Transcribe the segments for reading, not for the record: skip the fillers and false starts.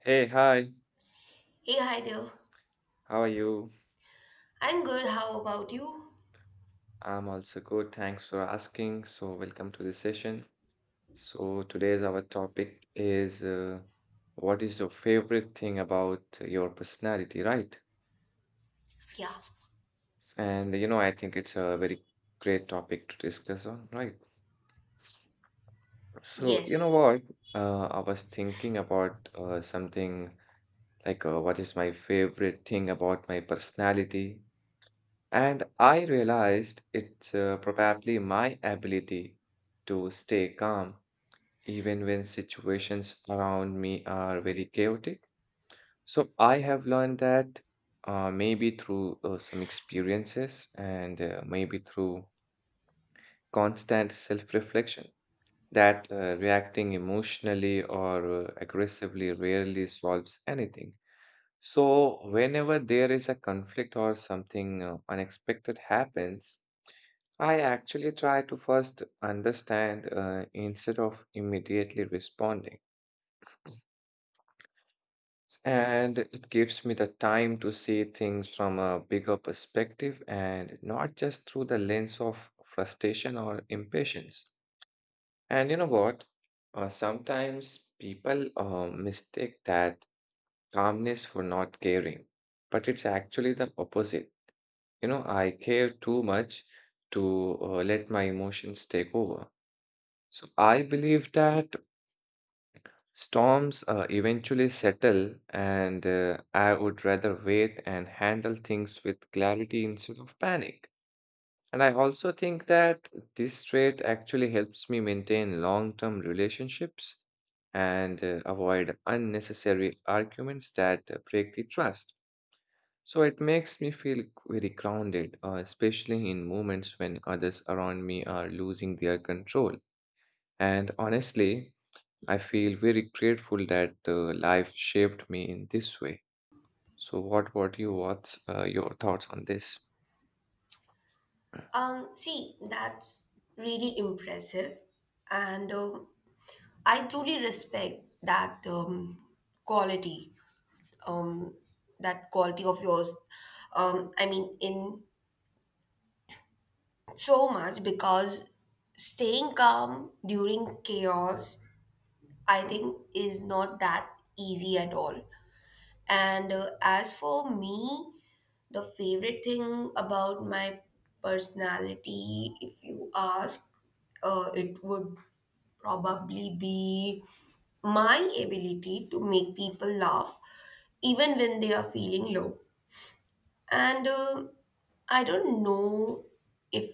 Hey, hi, Hey, hi there. how are you? I'm good. How about you? I'm also good, thanks for asking. So, welcome to the session. So, today's our topic is what is your favorite thing about your personality, right? Yeah. And you know, I think it's a very great topic to discuss on, right? So, you know Yes. what? I was thinking about something like what is my favorite thing about my personality? And I realized it's probably my ability to stay calm even when situations around me are very chaotic. So I have learned that maybe through some experiences and maybe through constant self-reflection that reacting emotionally or aggressively rarely solves anything. So whenever there is a conflict or something unexpected happens, I actually try to first understand instead of immediately responding. And it gives me the time to see things from a bigger perspective and not just through the lens of frustration or impatience. And you know what? Sometimes people mistake that calmness for not caring, but it's actually the opposite. You know, I care too much to let my emotions take over. So I believe that storms eventually settle, and I would rather wait and handle things with clarity instead of panic. And I also think that this trait actually helps me maintain long-term relationships and avoid unnecessary arguments that break the trust. So it makes me feel very grounded, especially in moments when others around me are losing their control. And honestly, I feel very grateful that life shaped me in this way. So, what about you? What's your thoughts on this? See, that's really impressive. And I truly respect that quality, um, that quality of yours. I mean, in so much because staying calm during chaos, I think, is not that easy at all. And As for me, the favorite thing about my personality, if you ask, it would probably be my ability to make people laugh even when they are feeling low. And I don't know if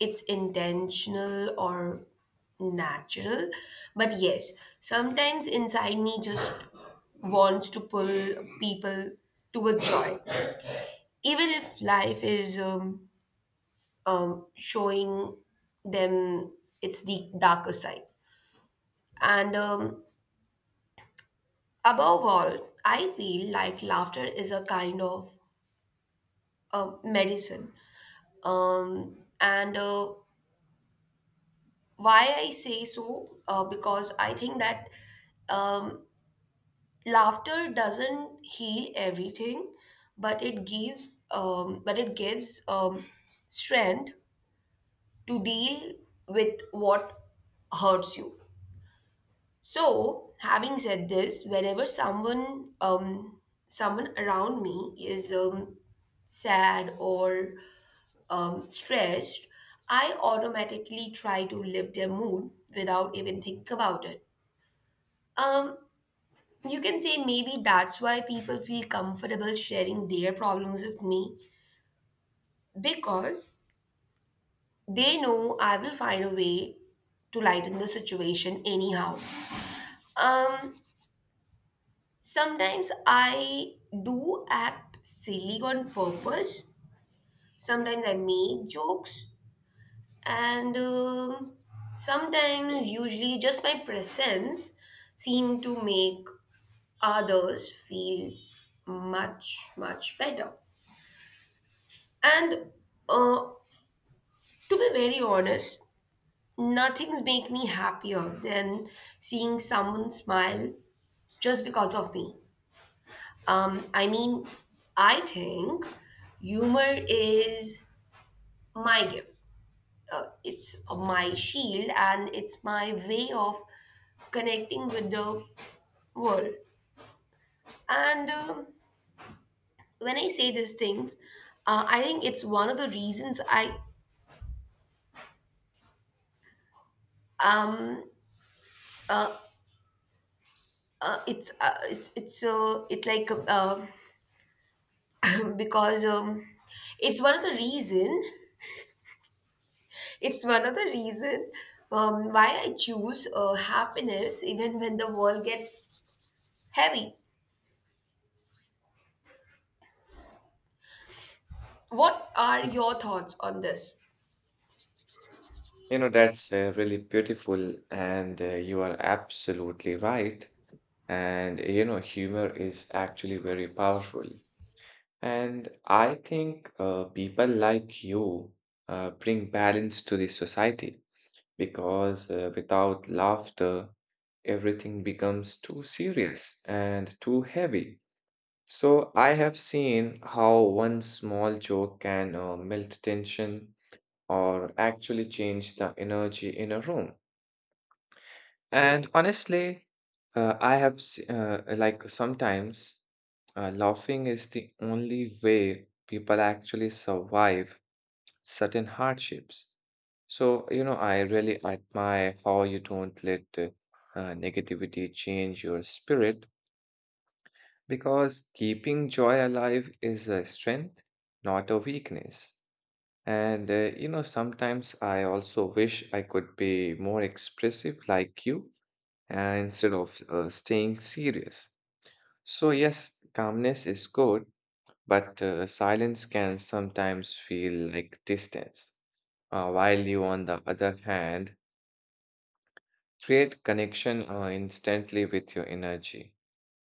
it's intentional or natural, but yes, sometimes inside me just wants to pull people towards joy even if life is showing them its darker side. And Above all, I feel like laughter is a kind of medicine. And Why I say so, because I think that um, laughter doesn't heal everything, but it gives strength to deal with what hurts you. So, having said this, whenever someone around me is sad or stressed, I automatically try to lift their mood without even think about it. Um, you can say maybe that's why people feel comfortable sharing their problems with me because they know I will find a way to lighten the situation anyhow. Um, Sometimes I do act silly on purpose. Sometimes I make jokes. And Sometimes, usually, just my presence seem to make others feel much, much better. And uh, to be very honest, nothing's make me happier than seeing someone smile just because of me. I mean, I think humor is my gift. It's my shield and it's my way of connecting with the world. And When I say these things, I think it's one of the reasons I um it's it like because it's one of the reason It's one of the reason why I choose happiness even when the world gets heavy. What are your thoughts on this? You know, that's really beautiful, and you are absolutely right. And you know, humor is actually very powerful. And I think people like you bring balance to the society because without laughter, everything becomes too serious and too heavy. So I have seen how one small joke can melt tension or actually change the energy in a room. And honestly, like sometimes laughing is the only way people actually survive certain hardships. So, you know, I really admire how you don't let negativity change your spirit because keeping joy alive is a strength, not a weakness. And, you know, sometimes I also wish I could be more expressive like you instead of staying serious. So, yes, calmness is good, but silence can sometimes feel like distance. While you, on the other hand, create connection instantly with your energy.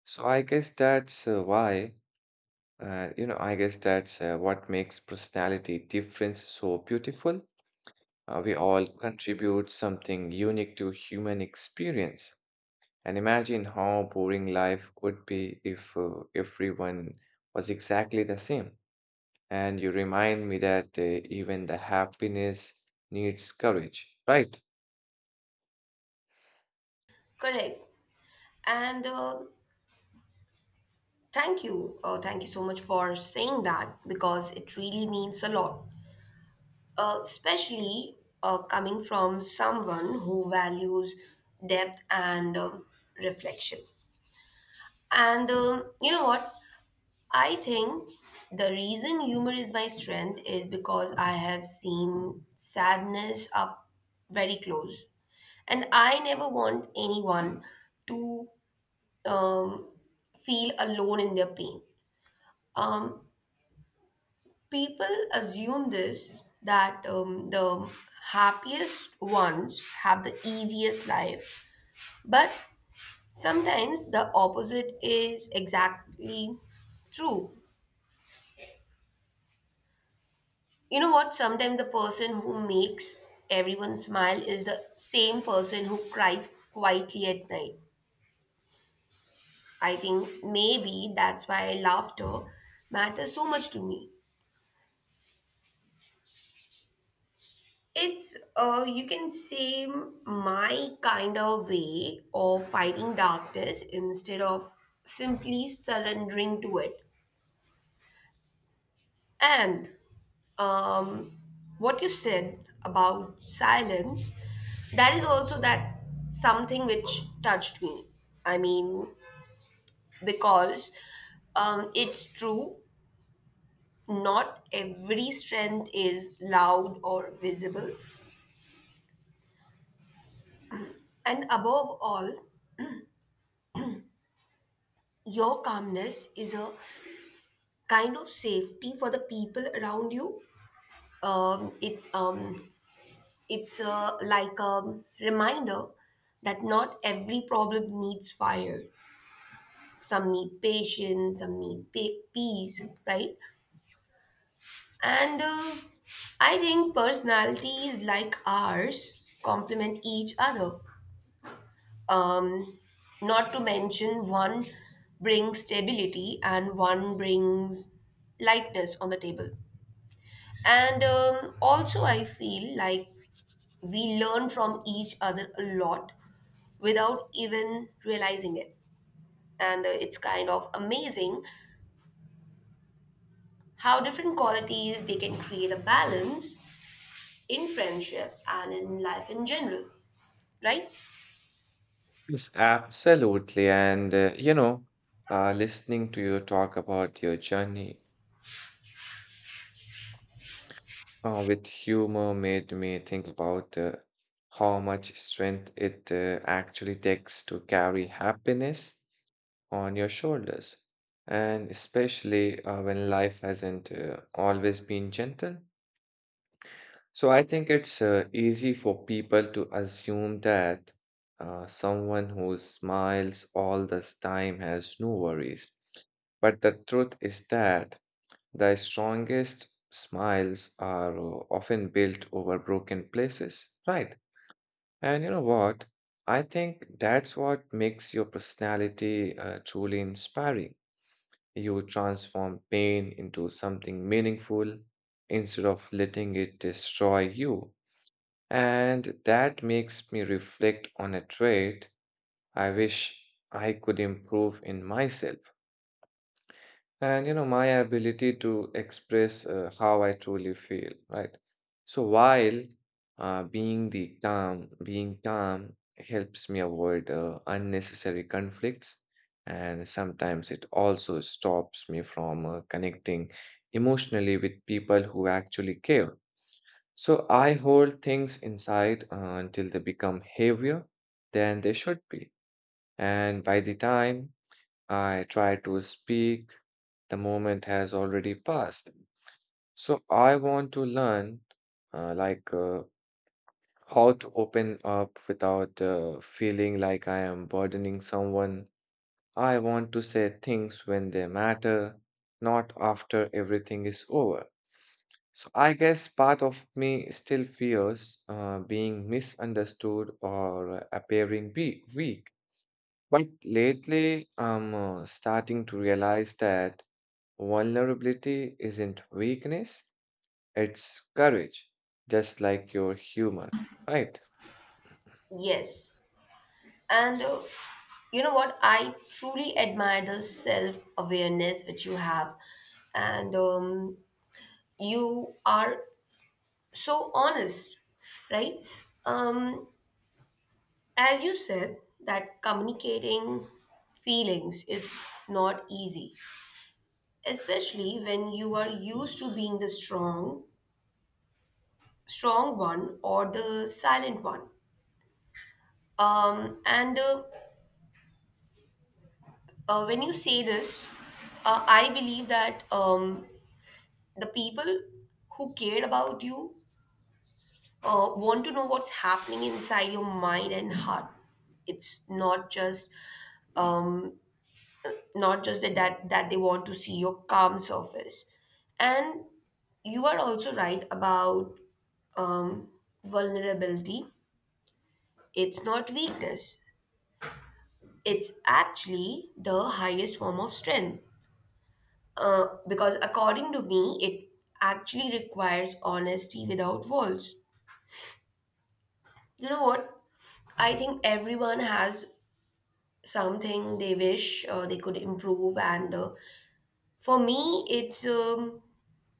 So, I guess that's why, you know, I guess that's what makes personality difference so beautiful. We all contribute something unique to human experience. And imagine how boring life would be if everyone was exactly the same. And you remind me that even the happiness needs courage, right? Correct. And Thank you. Thank you so much for saying that because it really means a lot. Especially coming from someone who values depth and reflection. And You know what? I think the reason humor is my strength is because I have seen sadness up very close. And I never want anyone to um, feel alone in their pain. Um, People assume this that the happiest ones have the easiest life, but sometimes the opposite is exactly true. You know what? Sometimes the person who makes everyone smile is the same person who cries quietly at night. I think maybe that's why laughter matters so much to me. It's, you can say, my kind of way of fighting darkness instead of simply surrendering to it. And um, what you said about silence, that is also that something which touched me. I mean, because it's true, not every strength is loud or visible. And above all, your calmness is a kind of safety for the people around you. Um, it, um, it's like a reminder that not every problem needs fire, some need patience, some need peace, right? and I think personalities like ours complement each other, um, not to mention one brings stability and one brings lightness on the table. And Also I feel like we learn from each other a lot without even realizing it. And It's kind of amazing how different qualities they can create a balance in friendship and in life in general, right? Yes, absolutely. And you know, listening to you talk about your journey with humor made me think about how much strength it actually takes to carry happiness on your shoulders, and especially when life hasn't always been gentle. So I think it's easy for people to assume that someone who smiles all this time has no worries. But the truth is that the strongest smiles are often built over broken places, right? And you know what? I think that's what makes your personality truly inspiring. You transform pain into something meaningful instead of letting it destroy you. And that makes me reflect on a trait I wish I could improve in myself. And you know, my ability to express how I truly feel, right? So while being calm helps me avoid unnecessary conflicts, and sometimes it also stops me from connecting emotionally with people who actually care. So I hold things inside until they become heavier than they should be, and by the time I try to speak, the moment has already passed. So I want to learn, uh, like, uh, how to open up without feeling like I am burdening someone. I want to say things when they matter, not after everything is over. So I guess part of me still fears being misunderstood or appearing be weak. But lately, I'm starting to realize that vulnerability isn't weakness, it's courage, just like your humor, right? Yes. and You know what, I truly admire the self awareness which you have. And You are so honest, right? As you said that communicating feelings is not easy, especially when you are used to being the strong one or the silent one. And When you say this, I believe that the people who care about you want to know what's happening inside your mind and heart. It's not just um, not just that they want to see your calm surface. And you are also right about um, vulnerability. It's not weakness. It's actually the highest form of strength. Because according to me, it actually requires honesty without walls. You know what? I think everyone has something they wish they could improve, and for me, it's um,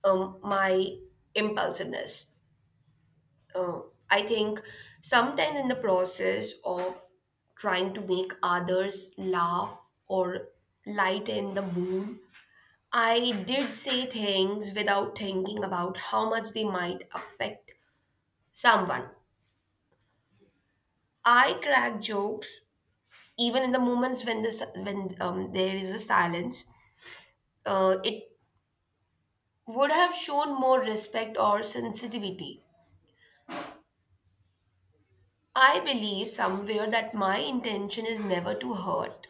um, my impulsiveness. Uh, I think sometimes in the process of trying to make others laugh or lighten the mood, I did say things without thinking about how much they might affect someone. I crack jokes even in the moments when there is a silence. It would have shown more respect or sensitivity. I believe somewhere that my intention is never to hurt,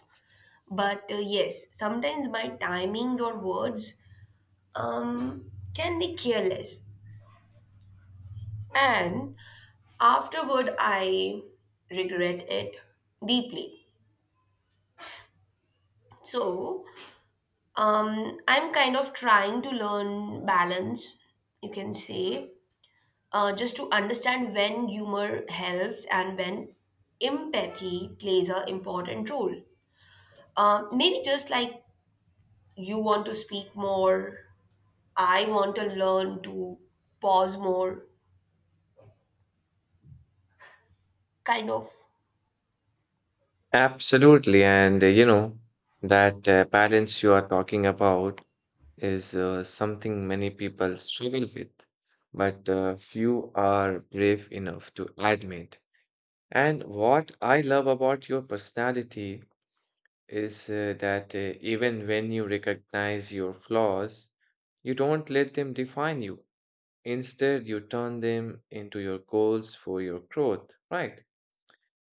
but yes, sometimes my timings or words can be careless, and afterward, I regret it deeply. So, I'm kind of trying to learn balance, you can say, just to understand when humor helps and when empathy plays an important role. Maybe just like you want to speak more, I want to learn to pause more, kind of. Absolutely. And, you know, that balance you are talking about is something many people struggle with, but few are brave enough to admit. And what I love about your personality is that even when you recognize your flaws, you don't let them define you. Instead, you turn them into your goals for your growth, right?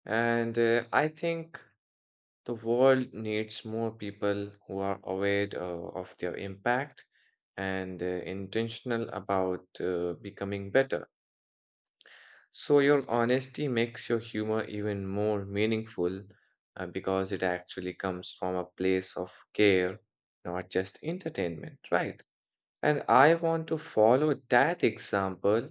And I think the world needs more people who are aware of their impact and intentional about becoming better. So, your honesty makes your humor even more meaningful because it actually comes from a place of care, not just entertainment, right? And I want to follow that example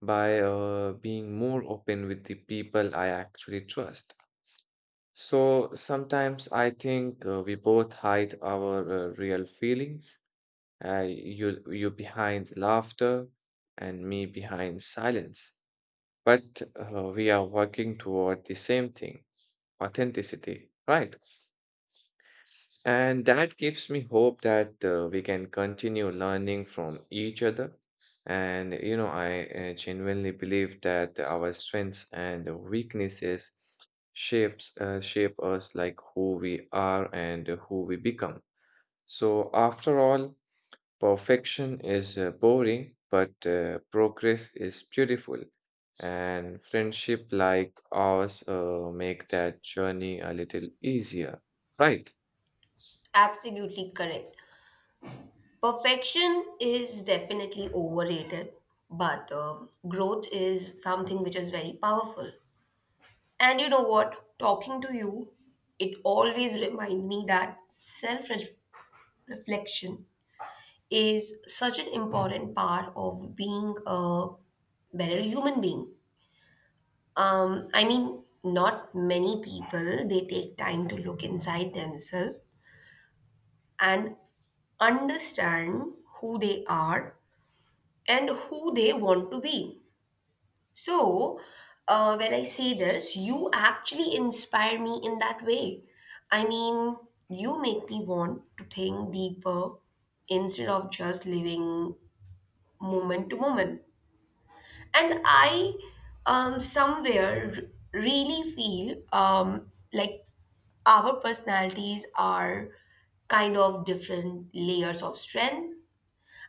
by being more open with the people I actually trust. So sometimes I think we both hide our real feelings, you behind laughter and me behind silence. But we are working toward the same thing, authenticity, right? And that gives me hope that we can continue learning from each other. And, you know, I genuinely believe that our strengths and weaknesses shape us like who we are and who we become. So after all, perfection is boring, but progress is beautiful. And friendship like ours make that journey a little easier, right? Absolutely correct. Perfection is definitely overrated, but growth is something which is very powerful. And you know what? Talking to you, it always remind me that self reflection is such an important part of being a better human being. I mean, not many people they take time to look inside themselves and understand who they are and who they want to be. So, when I say this, you actually inspire me in that way. I mean, you make me want to think deeper instead of just living moment to moment. And I, Somewhere really feel like our personalities are kind of different layers of strength.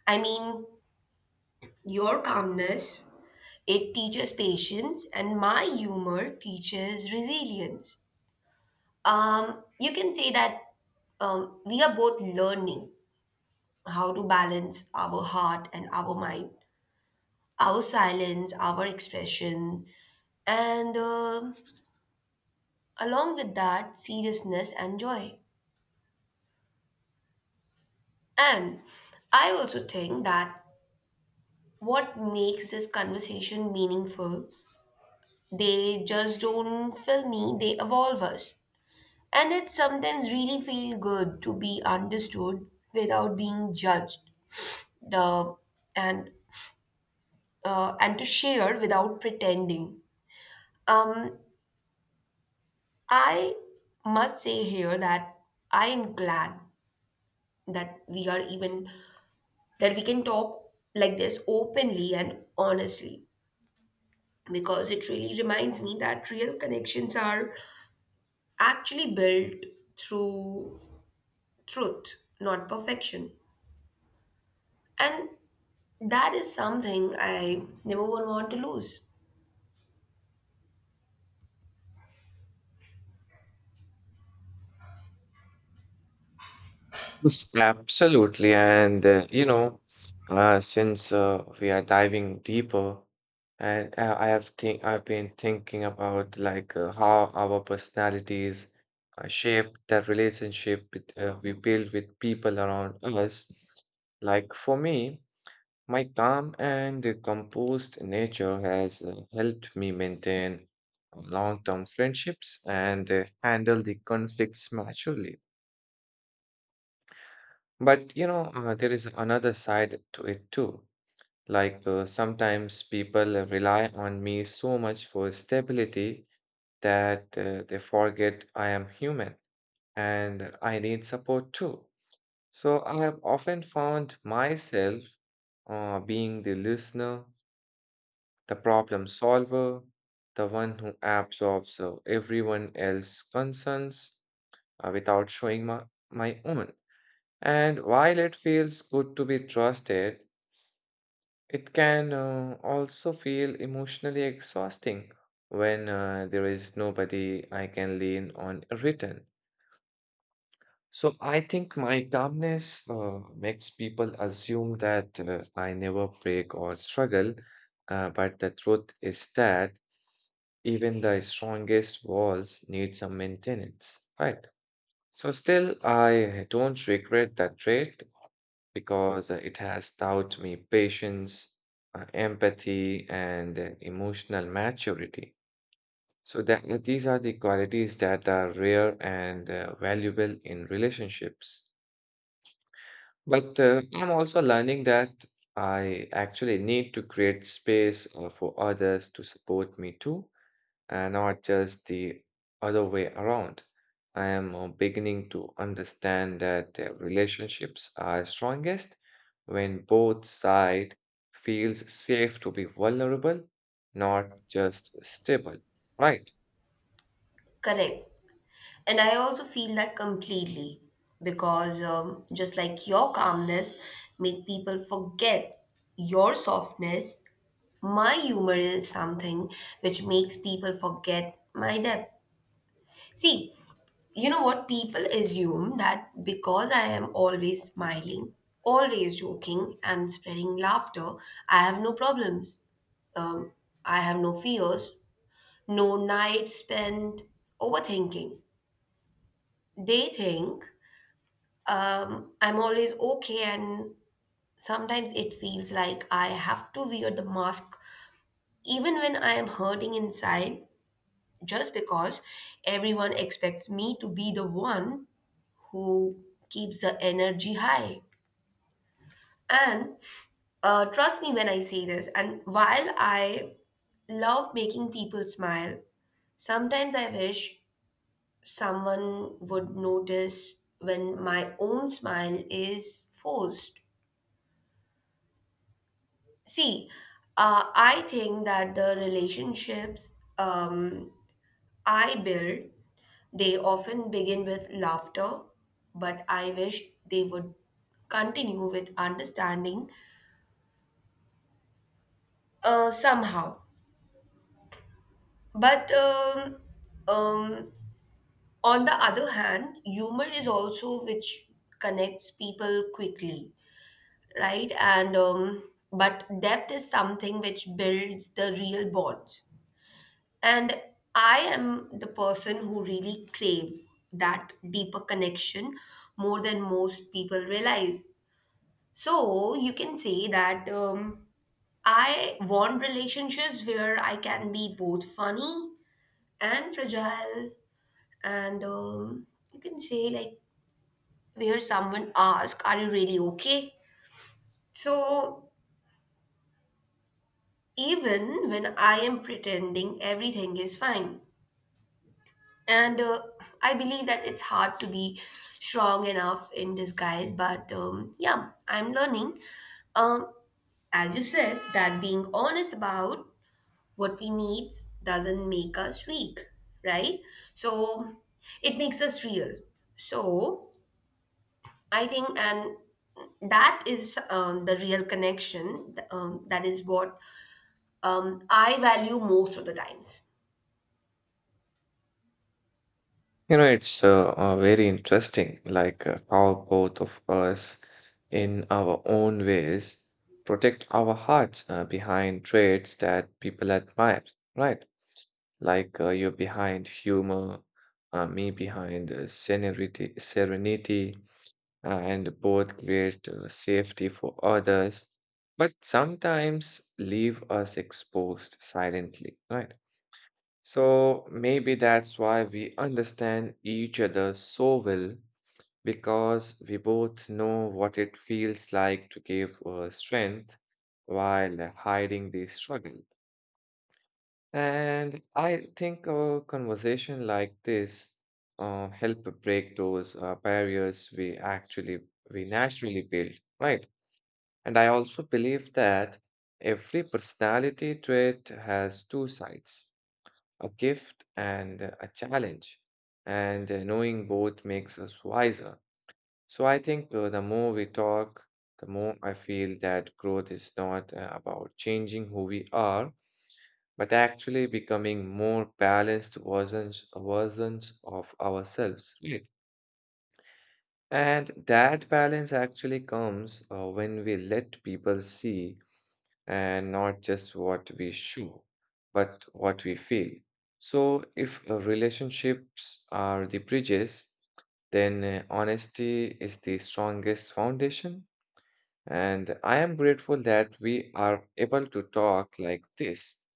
I mean, your calmness, it teaches patience, and my humor teaches resilience. You can say that we are both learning how to balance our heart and our mind, our silence, our expression, and along with that, seriousness and joy. And I also think that what makes this conversation meaningful, they just don't fill me, they evolve us. And it sometimes really feels good to be understood without being judged, the, and and to share without pretending. Um, I must say here that I am glad that we are even that we can talk like this openly and honestly because it really reminds me that real connections are actually built through truth, not perfection. And that is something I never would want to lose. Yes. Absolutely. And, you know, since we are diving deeper, and I've been thinking about like how our personalities shape the relationship with, we build with people around us. Like for me, my calm and composed nature has helped me maintain long-term friendships and handle the conflicts maturely. But you know, there is another side to it too. Like sometimes people rely on me so much for stability that they forget I am human and I need support too. So I have often found myself being the listener, the problem solver, the one who absorbs everyone else's concerns without showing my own. And while it feels good to be trusted, it can also feel emotionally exhausting when there is nobody I can lean on a return. So I think my calmness makes people assume that I never break or struggle, but the truth is that even the strongest walls need some maintenance, right? So still, I don't regret that trait because it has taught me patience, empathy, and emotional maturity. So that these are the qualities that are rare and valuable in relationships. But I'm also learning that I actually need to create space for others to support me too and not just the other way around. I am beginning to understand that relationships are strongest when both side feels safe to be vulnerable, not just stable. Right. Correct. And I also feel that completely because just like your calmness make people forget your softness, my humor is something which makes people forget my depth. See, you know what? People assume that because I am always smiling, always joking, and spreading laughter, I have no problems. Um, I have no fears, no nights spent overthinking. They think I'm always okay, and sometimes it feels like I have to wear the mask even when I am hurting inside, just because everyone expects me to be the one who keeps the energy high. And trust me when I say this, and while I love making people smile, sometimes I wish someone would notice when my own smile is forced. See, I think that the relationships I build, they often begin with laughter, but I wish they would continue with understanding somehow. But um, on the other hand, humor is also which connects people quickly, right? And But depth is something which builds the real bonds. And I am the person who really crave that deeper connection more than most people realize. So you can say that I want relationships where I can be both funny and fragile, and you can say like where someone asks, "Are you really okay?" So even when I am pretending everything is fine. And I believe that it's hard to be strong enough in disguise, but yeah, I'm learning. Um, as you said, that being honest about what we need doesn't make us weak, right? So it makes us real. So I think, and that is the real connection. That is what I value most of the times. You know, it's very interesting, like how both of us, in our own ways, protect our hearts behind traits that people admire, right? Like you behind humor, me behind serenity, and both create safety for others, but sometimes leave us exposed silently, right? So maybe that's why we understand each other so well because we both know what it feels like to give strength while hiding the struggle. And I think a conversation like this help break those barriers we naturally build, right? And I also believe that every personality trait has two sides, a gift and a challenge. And knowing both makes us wiser. So I think the more we talk, the more I feel that growth is not about changing who we are, but actually becoming more balanced versions of ourselves, right? And that balance actually comes when we let people see and not just what we show, but what we feel. So, if relationships are the bridges, then honesty is the strongest foundation. And I am grateful that we are able to talk like this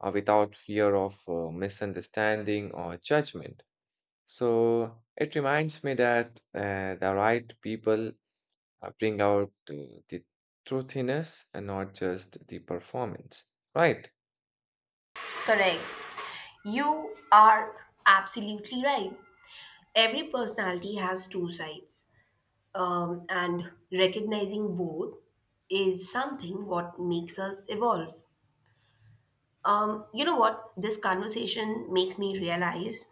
without fear of misunderstanding or judgment. So it reminds me that the right people bring out the truthiness and not just the performance, right? Correct. You are absolutely right. Every personality has two sides. And recognizing both is something what makes us evolve. You know what? This conversation makes me realize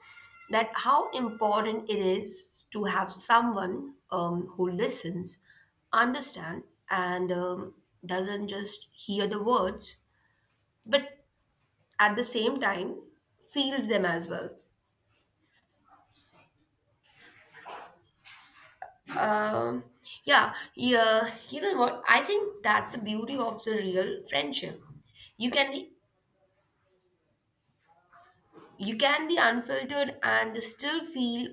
that how important it is to have someone who listens, understand, and doesn't just hear the words, but at the same time feels them as well. Um, yeah, yeah, you know what? I think that's the beauty of the real friendship. You can be, you can be unfiltered and still feel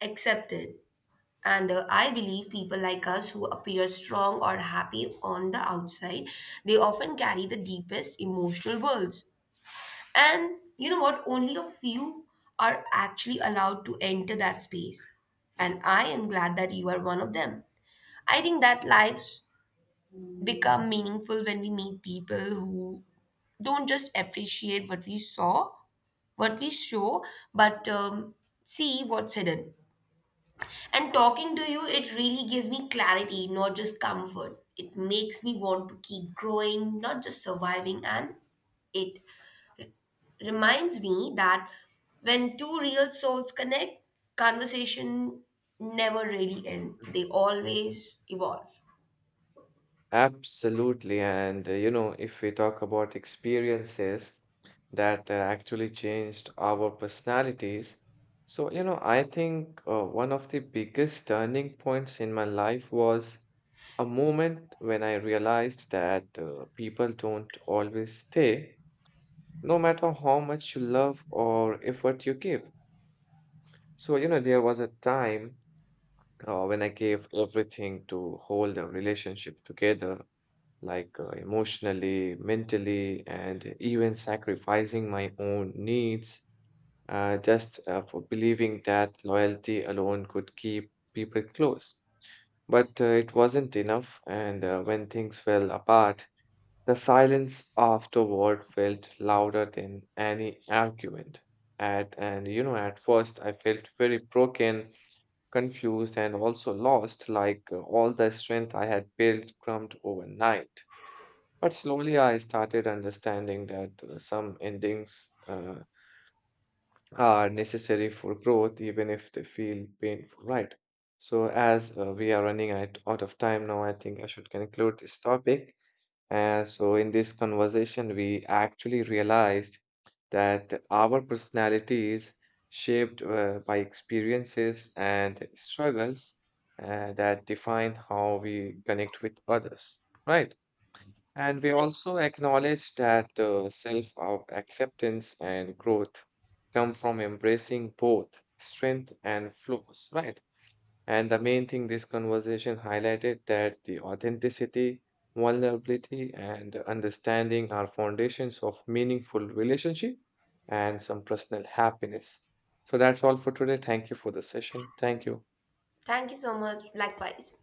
accepted. And I believe people like us who appear strong or happy on the outside, they often carry the deepest emotional worlds. And you know what? Only a few are actually allowed to enter that space. And I am glad that you are one of them. I think that life become meaningful when we meet people who don't just appreciate what we saw, what we show, but see what's hidden. And talking to you, it really gives me clarity, not just comfort. It makes me want to keep growing, not just surviving. And it reminds me that when two real souls connect, conversation never really end. Mm. They always evolve. Absolutely. And you know, if we talk about experiences that actually changed our personalities, so you know, I think one of the biggest turning points in my life was a moment when I realized that people don't always stay no matter how much you love or effort you give. So, you know, there was a time when I gave everything to hold a relationship together, like emotionally, mentally, and even sacrificing my own needs just for believing that loyalty alone could keep people close. But it wasn't enough, and when things fell apart, the silence afterward felt louder than any argument. At and you know, at first I felt very broken, confused, and also lost, like all the strength I had built crumbed overnight. But slowly I started understanding that some endings are necessary for growth, even if they feel painful, right? So, as we are running out of time now, I think I should conclude this topic. So, in this conversation, we actually realized that our personalities shaped by experiences and struggles that define how we connect with others, right? And we also acknowledge that self acceptance and growth come from embracing both strength and flaws, right? And the main thing this conversation highlighted that the authenticity, vulnerability, and understanding are foundations of meaningful relationship and some personal happiness. So that's all for today. Thank you for the session. Thank you. Thank you so much. Likewise.